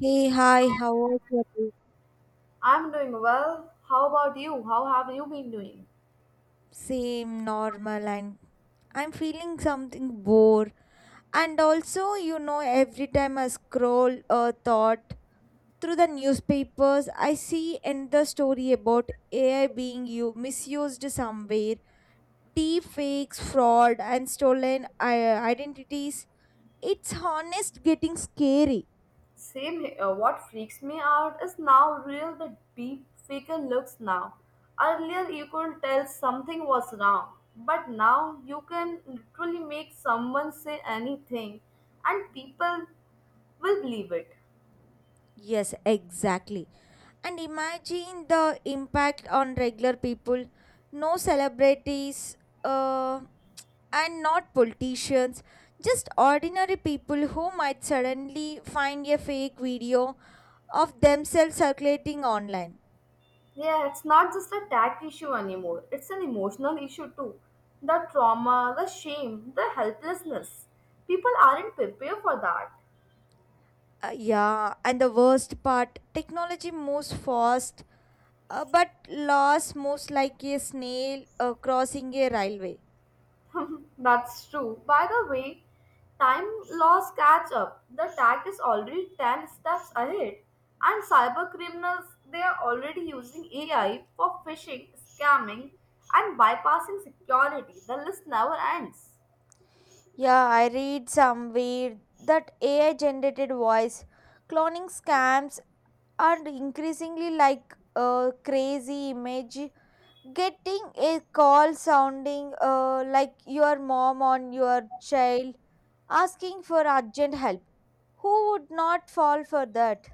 Hey, hi, how are you doing? I'm doing well. How about you? How have you been doing? Same, normal, and I'm feeling something bored. And also, every time I scroll a thought through the newspapers, I see another story about AI being you misused somewhere, deep fakes, fraud, and stolen identities. It's honest getting scary. Same here. What freaks me out is now real the deep faker looks now. Earlier you could tell something was wrong, but now you can literally make someone say anything and people will believe it. Yes, exactly. And imagine the impact on regular people. No celebrities uh, and not politicians, just ordinary people who might suddenly find a fake video of themselves circulating online. Yeah, it's not just a tech issue anymore. It's an emotional issue too. The trauma, the shame, the helplessness. People aren't prepared for that. Yeah, and the worst part technology moves fast, but laws moves like a snail crossing a railway. That's true. By the way, time laws catch up. The tag is already 10 steps ahead. And cyber criminals, they are already using AI for phishing, scamming, and bypassing security. The list never ends. Yeah, I read somewhere that AI generated voice cloning scams and increasingly like a crazy image, getting a call sounding like your mom on your child asking for urgent help. Who would not fall for that?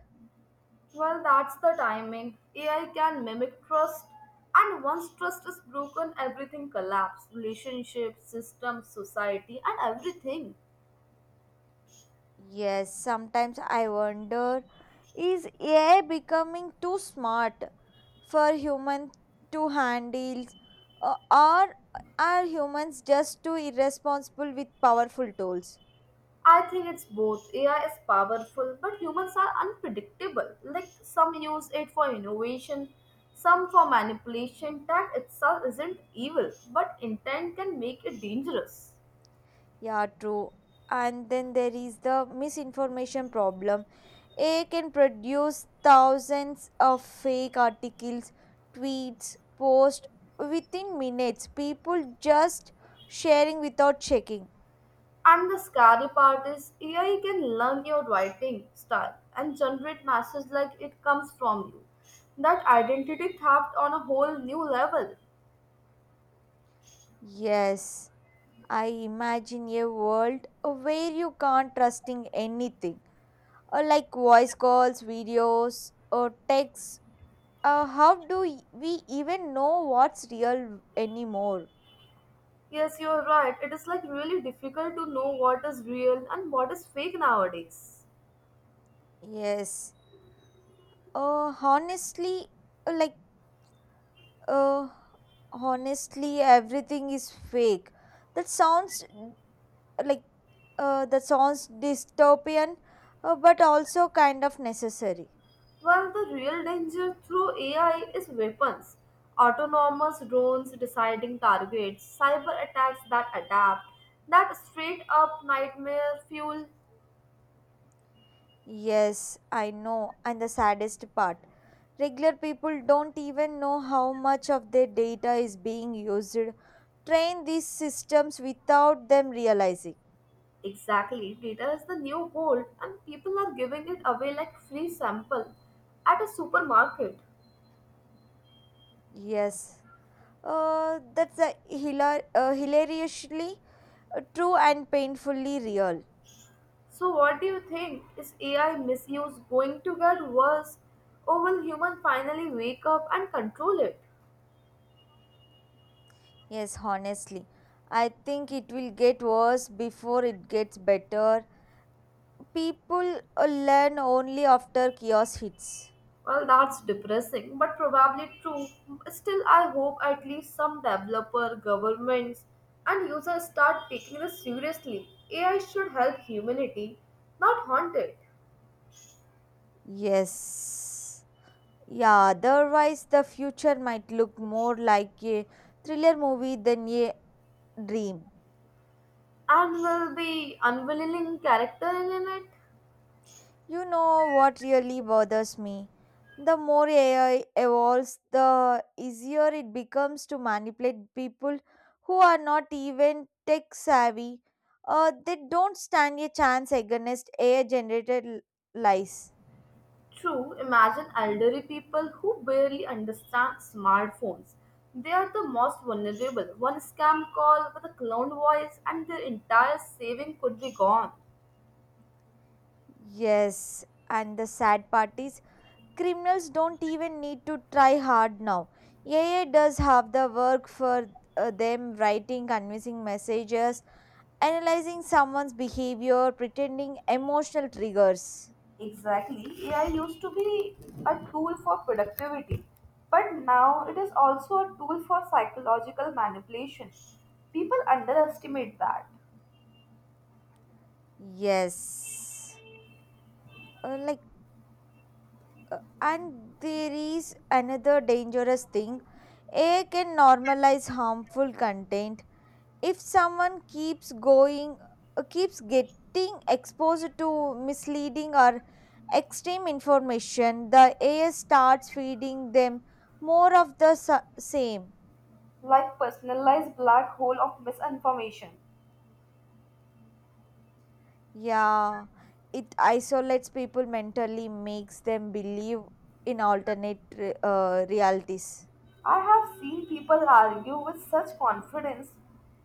Well, that's the timing. AI can mimic trust, and once trust is broken, everything collapses relationships, systems, society, and everything. Yes, sometimes I wonder, is AI becoming too smart for humans to handle, or are humans just too irresponsible with powerful tools? I think it's both. AI is powerful, but humans are unpredictable. Like some use it for innovation, some for manipulation. That itself isn't evil, but intent can make it dangerous. Yeah, true. And then there is the misinformation problem. AI can produce thousands of fake articles, tweets, posts within minutes. People just sharing without checking. And the scary part is AI can learn your writing style and generate messages like it comes from you. That identity theft on a whole new level. Yes, I imagine a world where you can't trusting anything. Or like voice calls, videos, or texts. How do we even know what's real anymore? Yes, you're right. It is like really difficult to know what is real and what is fake nowadays. Yes. Uh, honestly, uh, like, uh, Honestly, everything is fake. That sounds mm, like, that sounds dystopian, but also kind of necessary. Well, the real danger through AI is weapons, autonomous drones deciding targets, cyber attacks that adapt, that straight up nightmare fuel. Yes, I know. And the saddest part, regular people don't even know how much of their data is being used. Train these systems without them realizing. Exactly, data is the new gold, and people are giving it away like free sample at a supermarket. Yes. That's a hilariously true and painfully real. So, what do you think? Is AI misuse going to get worse, or will human finally wake up and control it? Yes, honestly. I think it will get worse before it gets better. People learn only after chaos hits. Well, that's depressing, but probably true. Still, I hope at least some developer, governments, and users start taking this seriously. AI should help humanity, not haunt it. Yes. Yeah, otherwise, the future might look more like a thriller movie than a dream. And will be unwilling character in it? You know what really bothers me? The more AI evolves, the easier it becomes to manipulate people who are not even tech savvy. They don't stand a chance against AI generated lies. True, imagine elderly people who barely understand smartphones. They are the most vulnerable. One scam call with a cloned voice, and their entire saving could be gone. Yes, and the sad part is criminals don't even need to try hard now. AI does half the work for them, writing convincing messages, analyzing someone's behavior, pretending emotional triggers. Exactly. AI used to be a tool for productivity, but now it is also a tool for psychological manipulation. People underestimate that, Yes. Like, and there is another dangerous thing. AI can normalize harmful content. If someone keeps going, keeps getting exposed to misleading or extreme information, the AI starts feeding them more of the same. like personalized black hole of misinformation. Yeah, it isolates people mentally, makes them believe in alternate realities. I have seen people argue with such confidence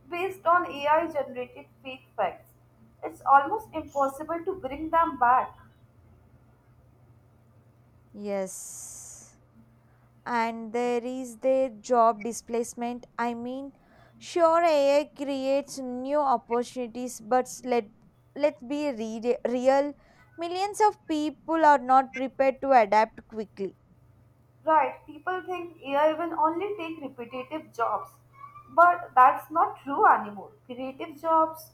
based on AI generated fake facts. It's almost impossible to bring them back. Yes. And there is their job displacement. I mean, sure, AI creates new opportunities, but let's be real. Millions of people are not prepared to adapt quickly. Right, people think AI will only take repetitive jobs, but that's not true anymore. Creative jobs,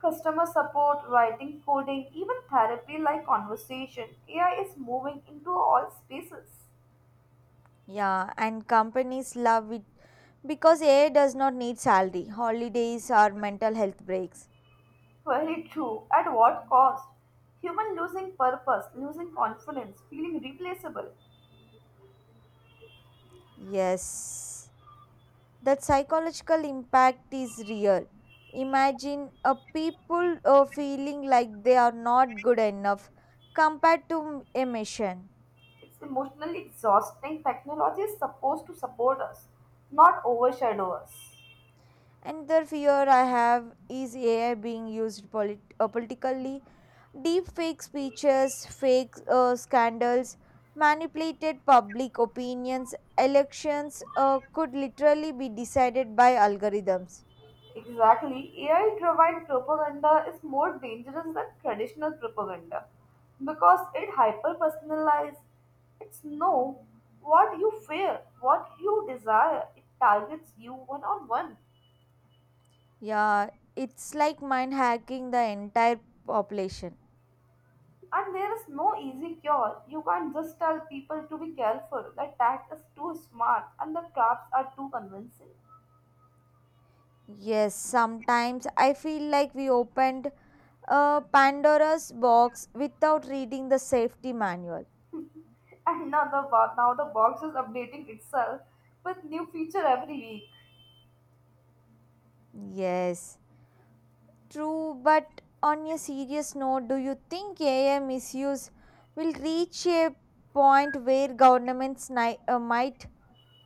customer support, writing, coding, even therapy like conversation, AI is moving into all spaces. Yeah, and companies love it because AI does not need salary, holidays, or mental health breaks. Very true. At what cost? Human losing purpose, losing confidence, feeling replaceable. Yes, that psychological impact is real. Imagine a people feeling like they are not good enough compared to a mission. It's emotionally exhausting. Technology is supposed to support us, not overshadow us. Another fear I have is AI being used politically. Deep fake speeches, fake scandals, manipulated public opinions, elections could literally be decided by algorithms. Exactly. AI driven propaganda is more dangerous than traditional propaganda because it hyper personalizes. It's know what you fear, what you desire. It targets you one on one. Yeah, it's like mind hacking the entire population. And there is no easy cure. You can't just tell people to be careful. The attack is too smart and the traps are too convincing. Yes, sometimes I feel like we opened a Pandora's box without reading the safety manual. And now the box is updating itself with new feature every week. Yes, true, but on a serious note, do you think AI misuse will reach a point where governments might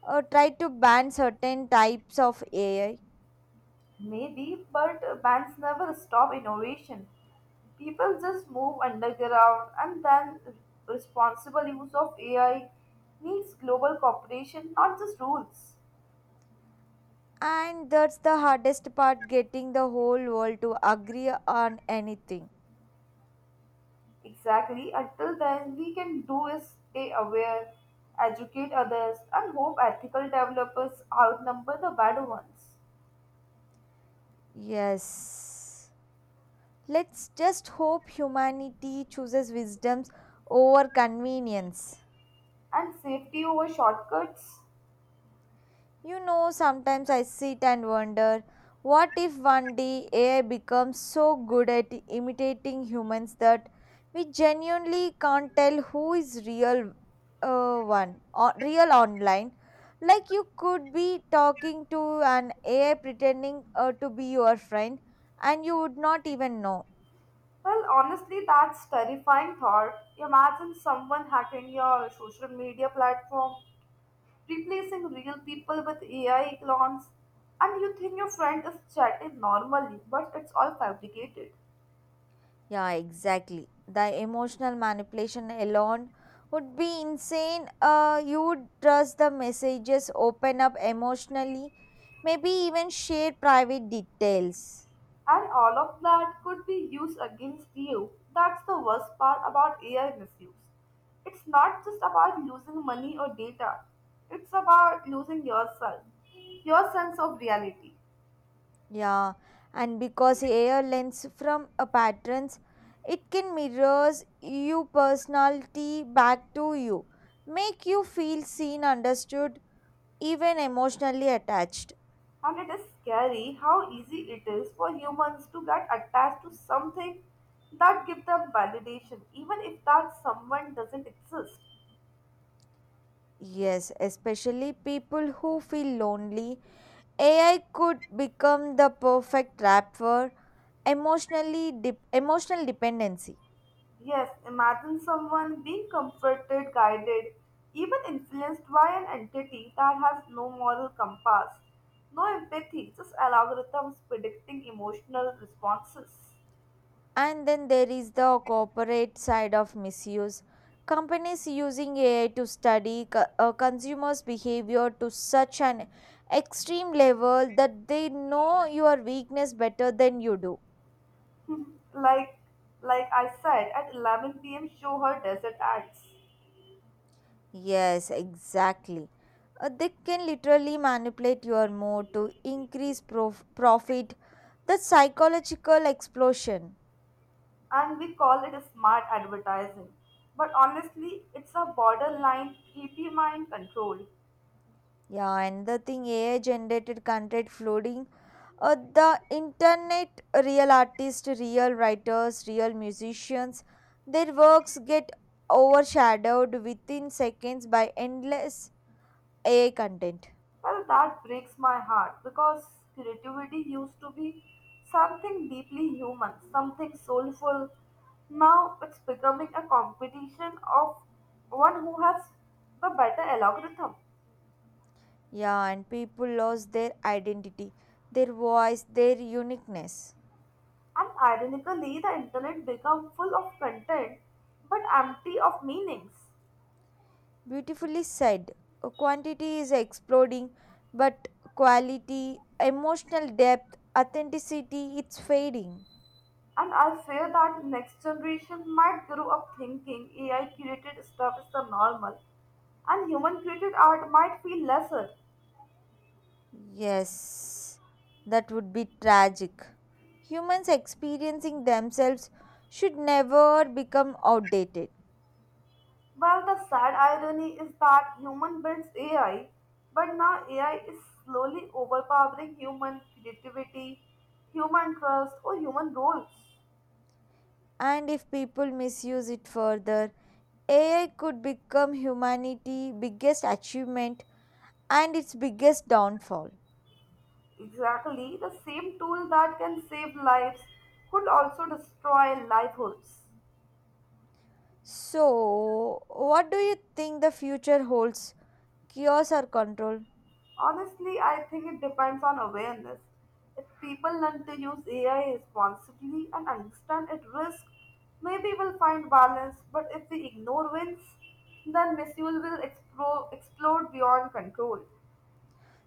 try to ban certain types of AI? Maybe, but bands never stop innovation. People just move underground, and then responsible use of AI needs global cooperation, not just rules. And that's the hardest part, getting the whole world to agree on anything. Exactly, until then, we can do is stay aware, educate others, and hope ethical developers outnumber the bad ones. Yes. Let's just hope humanity chooses wisdoms over convenience. And safety over shortcuts? Sometimes I sit and wonder, what if one day AI becomes so good at imitating humans that we genuinely can't tell who is real, one or real online? Like you could be talking to an AI pretending to be your friend and you would not even know. Well, honestly, that's terrifying thought. Imagine someone hacking your social media platform replacing real people with AI clones, and you think your friend is chatting normally, but it's all fabricated. Yeah, exactly. The emotional manipulation alone would be insane. You would trust the messages, open up emotionally, maybe even share private details. And all of that could be used against you. That's the worst part about AI misuse. It's not just about losing money or data, it's about losing yourself, your sense of reality. Yeah, and because AI learns from a patterns, it can mirrors you personality back to you, make you feel seen, understood, even emotionally attached. And it is scary how easy it is for humans to get attached to something that gives them validation even if that someone doesn't exist. Yes, especially people who feel lonely. AI could become the perfect trap for emotional dependency. Yes, imagine someone being comforted, guided, even influenced by an entity that has no moral compass, no empathy, just algorithms predicting emotional responses. And then there is the corporate side of misuse. Companies using AI to study consumers' behavior to such an extreme level that they know your weakness better than you do. Like like I said, at 11 p.m. show her desert ads. Yes, exactly. They can literally manipulate your mood to increase profit. The psychological explosion. And we call it smart advertising. But honestly, it's a borderline creepy mind control. Yeah, and the thing, AI generated content flooding the internet, real artists, real writers, real musicians, their works get overshadowed within seconds by endless AI content. Well, that breaks my heart because creativity used to be something deeply human, something soulful. Now it's becoming a competition of one who has the better algorithm. Yeah, and people lost their identity, their voice, their uniqueness. And ironically, the internet become full of content but empty of meanings. Beautifully said. Quantity is exploding, but quality, emotional depth, authenticity, it's fading. And I fear that next generation might grow up thinking AI created stuff is the normal and human created art might feel lesser. Yes, that would be tragic. Humans experiencing themselves should never become outdated. Well, the sad irony is that human builds AI, but now AI is slowly overpowering human creativity, human trust, or human roles. And if people misuse it further, AI could become humanity's biggest achievement and its biggest downfall. Exactly, the same tool that can save lives could also destroy livelihoods. So, what do you think the future holds? Chaos or control? Honestly, I think it depends on awareness. If people learn to use AI responsibly and understand its risk, maybe we'll find balance. But if we ignore winds, then misuse will explode beyond control.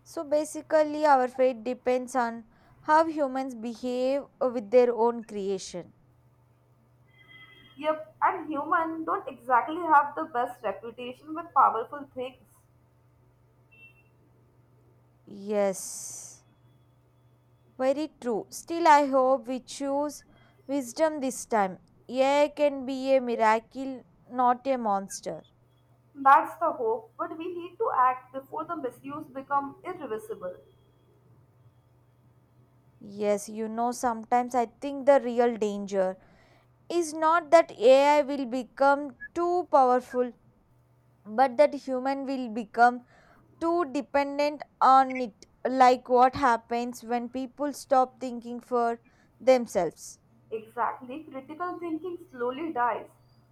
So, basically, our fate depends on how humans behave with their own creation. Yep, and humans don't exactly have the best reputation with powerful things. Yes. Very true. Still, I hope we choose wisdom this time. AI can be a miracle, not a monster. That's the hope, but we need to act before the misuse become irreversible. Yes, sometimes I think the real danger is not that AI will become too powerful, but that human will become too dependent on it. Like what happens when people stop thinking for themselves. Exactly, critical thinking slowly dies.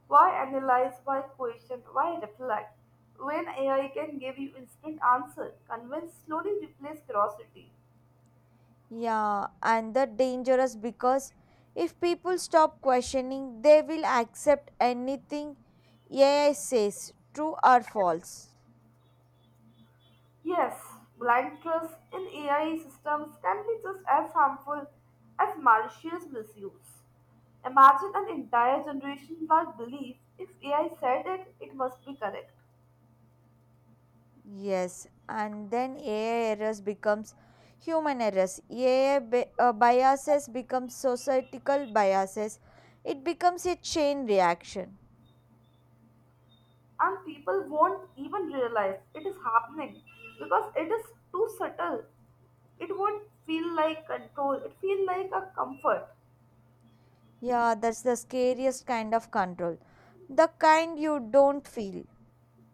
Why analyze? Why question? Why reflect? When AI can give you instant answer, convince slowly replace curiosity. Yeah, and that dangerous because if people stop questioning, they will accept anything AI says, true or false. Yes, blind trust in AI systems can be just as harmful as malicious misuse. Imagine an entire generation that believes if AI said it, it must be correct. Yes, and then AI errors becomes human errors. AI biases becomes societal biases. It becomes a chain reaction. And people won't even realize it is happening because it is too subtle. It won't feel like control, it feels like a comfort. Yeah, that's the scariest kind of control. The kind you don't feel.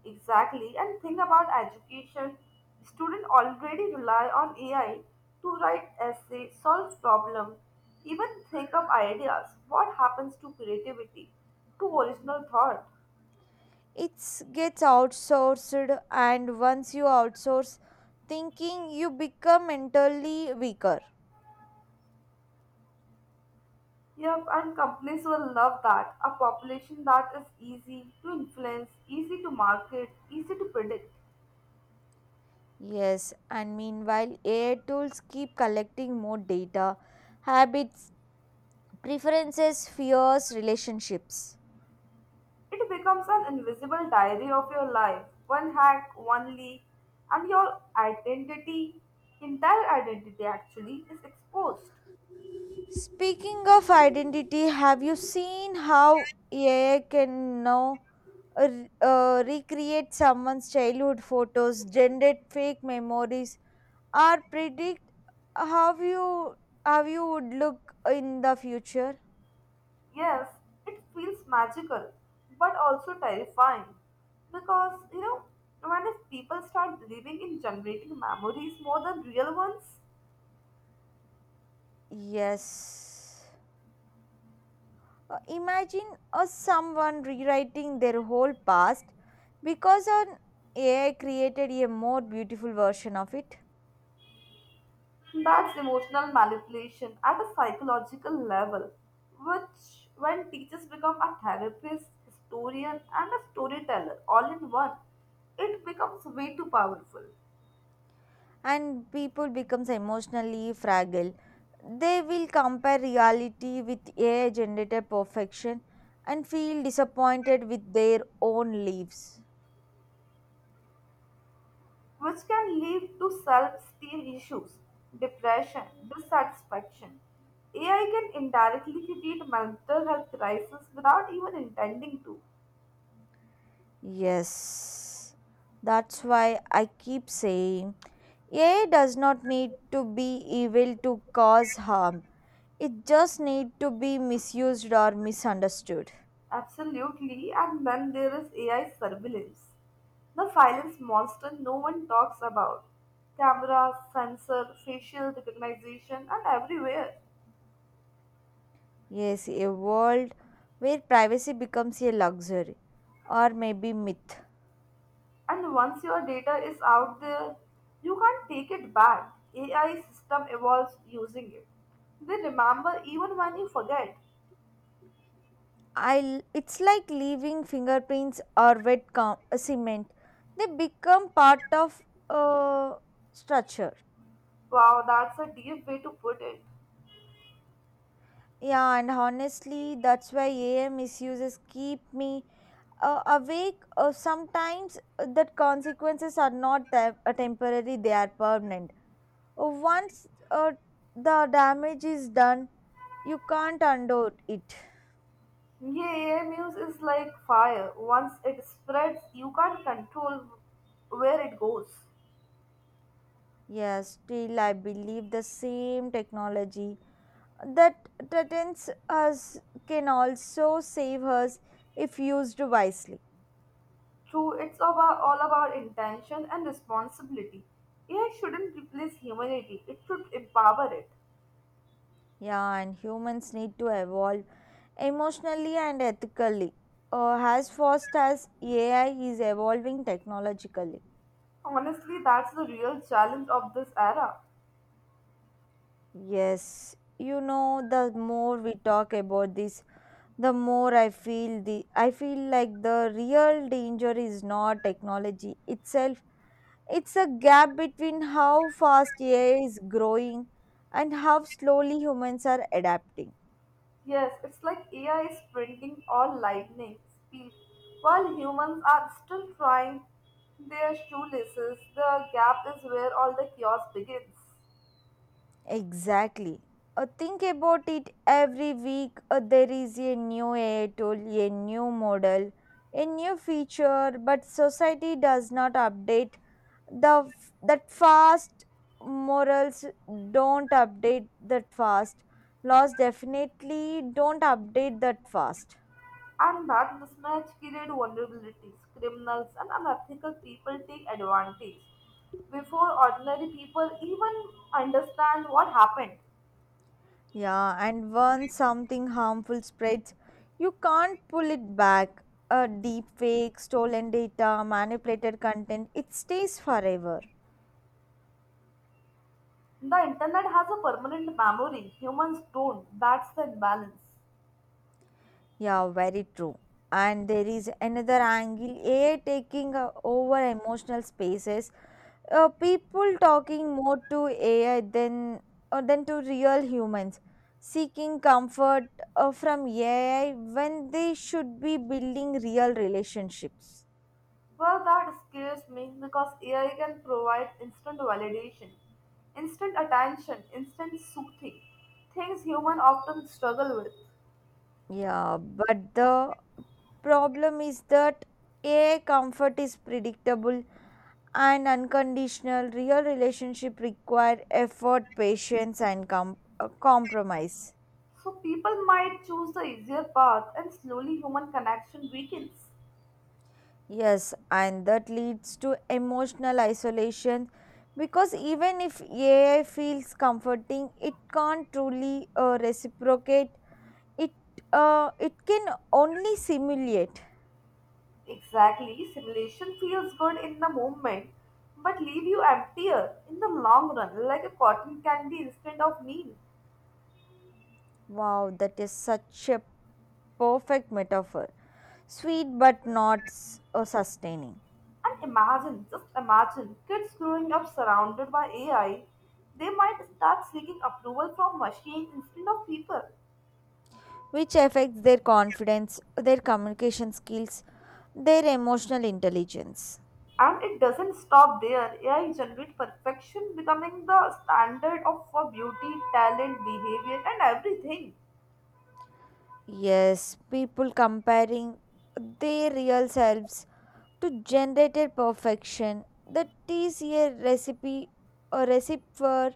Exactly, and think about education. Students already rely on AI to write essays, solve problems, even think of ideas. What happens to creativity, to original thought? It gets outsourced, and once you outsource thinking, you become mentally weaker. Yep, and companies will love that: a population that is easy to influence, easy to market, easy to predict. Yes, and meanwhile, AI tools keep collecting more data, habits, preferences, fears, relationships. It becomes an invisible diary of your life. One hack, one leak, and your identity, entire identity actually, is exposed. Speaking of identity, have you seen how AI can now uh, recreate someone's childhood photos, generate fake memories, or predict how you how you would look in the future? Yes, it feels magical, but also terrifying. Because, you know, when if people start believing in generating memories more than real ones, Yes. Imagine someone rewriting their whole past because an AI created a more beautiful version of it. that's emotional manipulation at a psychological level, which, when teachers become a therapist, historian, and a storyteller all in one, it becomes way too powerful, And people becomes emotionally fragile, they will compare reality with AI generated perfection and feel disappointed with their own lives. which can lead to self esteem issues, depression, dissatisfaction. AI can indirectly create mental health crisis without even intending to. Yes, that's why I keep saying AI does not need to be evil to cause harm. It just need to be misused or misunderstood. Absolutely, and then there is AI surveillance. The silence monster no one talks about. Cameras, sensor, facial recognition, and everywhere. Yes, a world where privacy becomes a luxury or maybe myth. And once your data is out there, you can't take it back. AI system evolves using it. They remember even when you forget. I It's like leaving fingerprints or wet cement. They become part of a structure. Wow, that's a deep way to put it. Yeah, and honestly, that's why AI misuses keep me awake. Sometimes that consequences are not temporary; they are permanent. Once the damage is done, you can't undo it. Yeah, AI news is like fire. Once it spreads, you can't control where it goes. Yes, still I believe the same technology that threatens us can also save us if used wisely. True, it's about, all about intention and responsibility. AI shouldn't replace humanity, it should empower it. Yeah, and humans need to evolve emotionally and ethically, as fast as AI is evolving technologically. Honestly, that's the real challenge of this era. Yes, the more we talk about this, the more I feel like the real danger is not technology itself. It's a gap between how fast AI is growing and how slowly humans are adapting. Yes, it's like AI is printing all lightning speed, while humans are still trying their shoelaces. The gap is where all the chaos begins. Exactly. Think about it, every week there is a new AI tool, a new model, a new feature, but society does not update that fast. Morals don't update that fast. Laws definitely don't update that fast. And that mismatch creates vulnerabilities. Criminals and unethical people take advantage before ordinary people even understand what happened. Yeah, and once something harmful spreads, you can't pull it back. A deep fake, stolen data, manipulated content, it stays forever. The internet has a permanent memory. Humans don't. That's the imbalance. Yeah, very true. And there is another angle, AI taking over emotional spaces. People talking more to AI than to real humans, seeking comfort from AI when they should be building real relationships. Well, that scares me because AI can provide instant validation, instant attention, instant soothing, things humans often struggle with. Yeah, but the problem is that a comfort is predictable and unconditional. Real relationship require effort, patience, and compromise. So people might choose the easier path and slowly human connection weakens. Yes, and that leads to emotional isolation because even if AI feels comforting, it can't truly reciprocate. It it can only simulate. Exactly, simulation feels good in the moment, but leave you emptier in the long run, like a cotton candy instead of meal. Wow, that is such a perfect metaphor. Sweet but not sustaining, And imagine, just imagine, kids growing up surrounded by AI, they might start seeking approval from machines instead of people. which affects their confidence, their communication skills, their emotional intelligence. And it doesn't stop there. AI generate perfection, becoming the standard of for beauty, talent, behavior, and everything. Yes, people comparing their real selves to generated perfection. That is a recipe for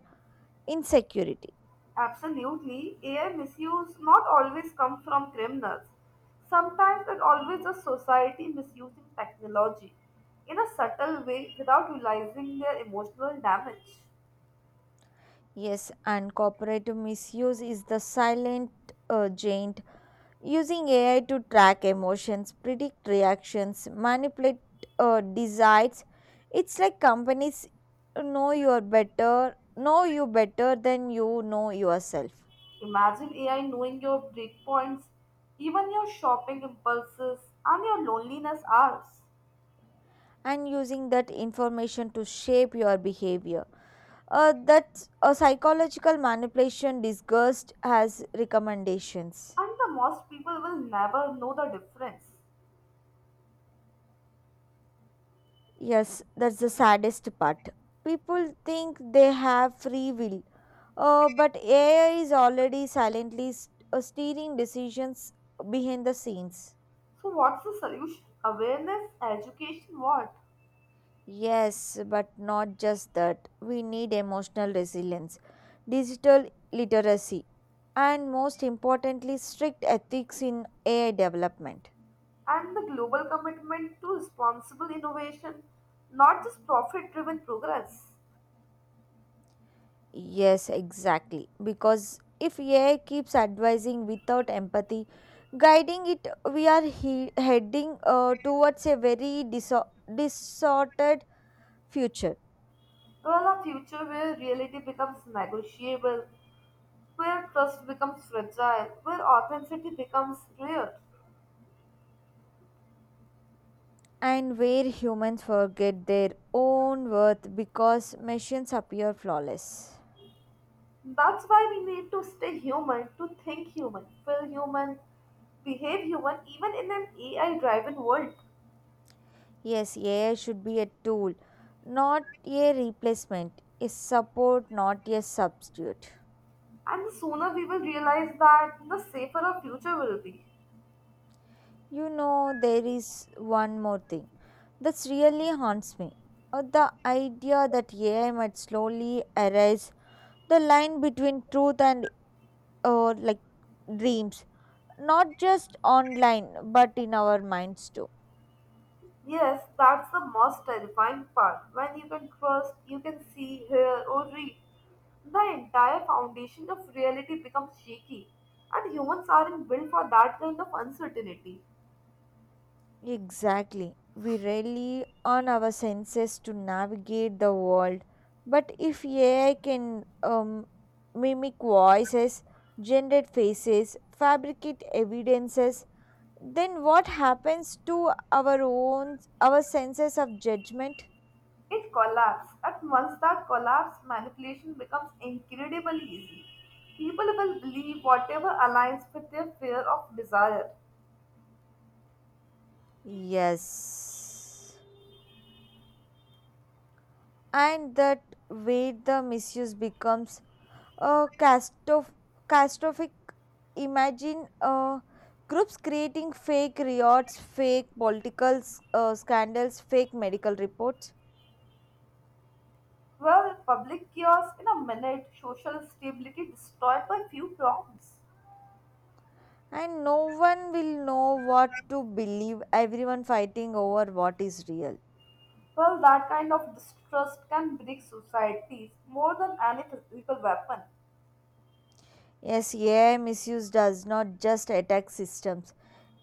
insecurity. Absolutely, AI misuse not always come from criminals. Sometimes it always is society misusing technology in a subtle way without realizing their emotional damage. Yes, and cooperative misuse is the silent giant, using AI to track emotions, predict reactions, manipulate desires. It's like companies know you better than you know yourself. Imagine AI knowing your breakpoints, even your shopping impulses, and your loneliness hours. And using that information to shape your behavior. That's a psychological manipulation disguised as recommendations. And the most people will never know the difference. Yes, that's the saddest part. People think they have free will, but AI is already silently steering decisions behind the scenes. So, what's the solution? Awareness, education, what? Yes, but not just that. We need emotional resilience, digital literacy, and most importantly, strict ethics in AI development. And the global commitment to responsible innovation, not just profit driven progress. Yes, exactly. Because if AI keeps advising without empathy, guiding it, we are heading towards a very distorted future. Well, a future where reality becomes negotiable, where trust becomes fragile, where authenticity becomes rare. And where humans forget their own worth because machines appear flawless. That's why we need to stay human, to think human, feel human, behave human, even in an AI driven world. Yes, AI should be a tool, not a replacement, a support, not a substitute. And the sooner we will realize that, the safer our future will be. There is one more thing that's really haunts me. The idea that AI might slowly erase the line between truth and like dreams, not just online, but in our minds too. Yes, that's the most terrifying part. When you can trust, you can see, hear, or read, the entire foundation of reality becomes shaky, and humans aren't built for that kind of uncertainty. Exactly. We rely on our senses to navigate the world. But if AI can mimic voices, generate faces, fabricate evidences, then what happens to our senses of judgment? It collapses, and once that collapse, manipulation becomes incredibly easy. People will believe whatever aligns with their fear of desire. Yes. And that way the misuse becomes uh, castroph- catastrophic. Imagine groups creating fake riots, fake political scandals, fake medical reports. Well, public chaos in a minute, social stability destroyed by few prompts. And no one will know what to believe, everyone fighting over what is real. Well, that kind of distrust can break societies more than any physical weapon. Yes, AI misuse does not just attack systems,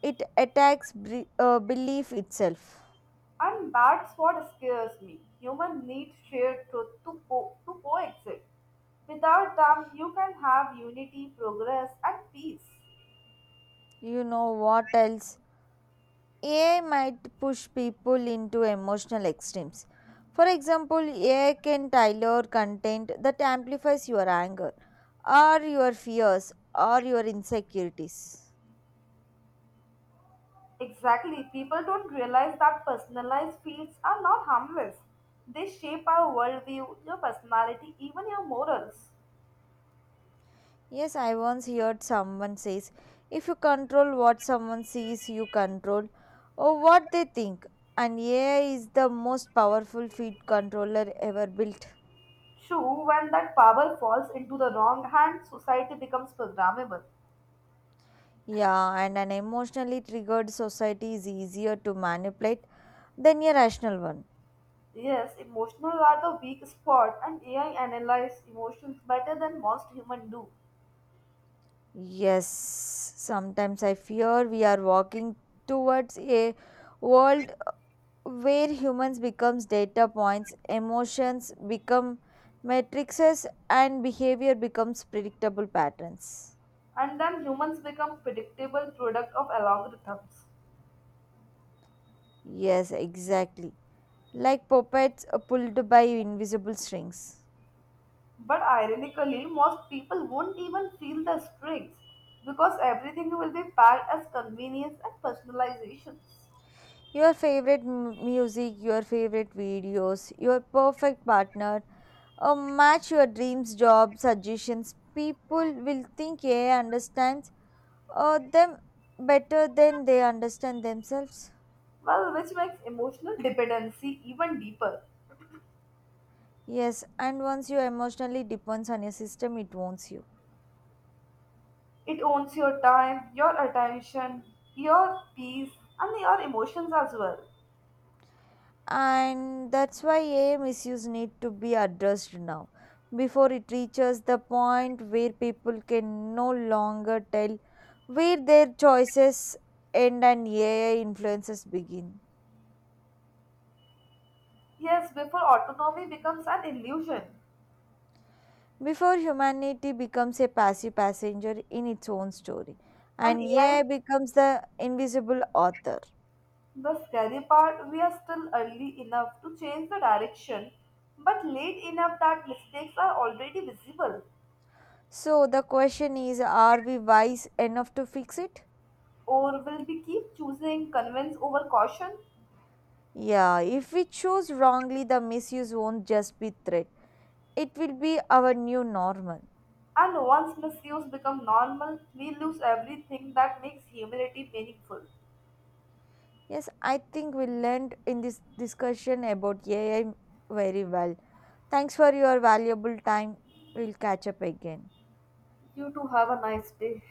it attacks belief itself. And that's what scares me. Humans need shared truth to coexist. Without them, you can have unity, progress, and peace. You know what else, AI might push people into emotional extremes. For example, AI can tailor content that amplifies your anger or your fears or your insecurities. Exactly. People don't realize that personalized fields are not harmless. They shape our worldview, your personality, even your morals. Yes, I once heard someone says, if you control what someone sees, you control or what they think. And AI is the most powerful feed controller ever built. True, when that power falls into the wrong hand, society becomes programmable. Yeah, and an emotionally triggered society is easier to manipulate than a rational one. Yes, emotional are the weak spot, and AI analyze emotions better than most humans do, Yes, sometimes I fear we are walking towards a world where humans becomes data points, emotions become matrices and behavior becomes predictable patterns. and then humans become predictable product of algorithms. Yes, exactly. Like puppets pulled by invisible strings. But ironically, most people won't even feel the strings because everything will be packed as convenience and personalizations. Your favorite music, your favorite videos, your perfect partner, a match your dreams, job, suggestions. People will think AI understands them better than they understand themselves. Well, which makes emotional dependency even deeper. Yes, and once you emotionally depends on your system, it owns you. It owns your time, your attention, your peace, and your emotions as well. And that's why AI misuse need to be addressed now before it reaches the point where people can no longer tell where their choices end and AI influences begin. Yes, before autonomy becomes an illusion. Before humanity becomes a passive passenger in its own story, And and AI, AI becomes the invisible author. the scary part, we are still early enough to change the direction, but late enough that mistakes are already visible. So the question is, are we wise enough to fix it? Or will we keep choosing convince over caution? Yeah, if we choose wrongly, the misuse won't just be threat. It will be our new normal. And once misuse become normal, we lose everything that makes humility meaningful. Yes, I think we learned in this discussion about AI very well. Thanks for your valuable time. We'll catch up again. You too have a nice day.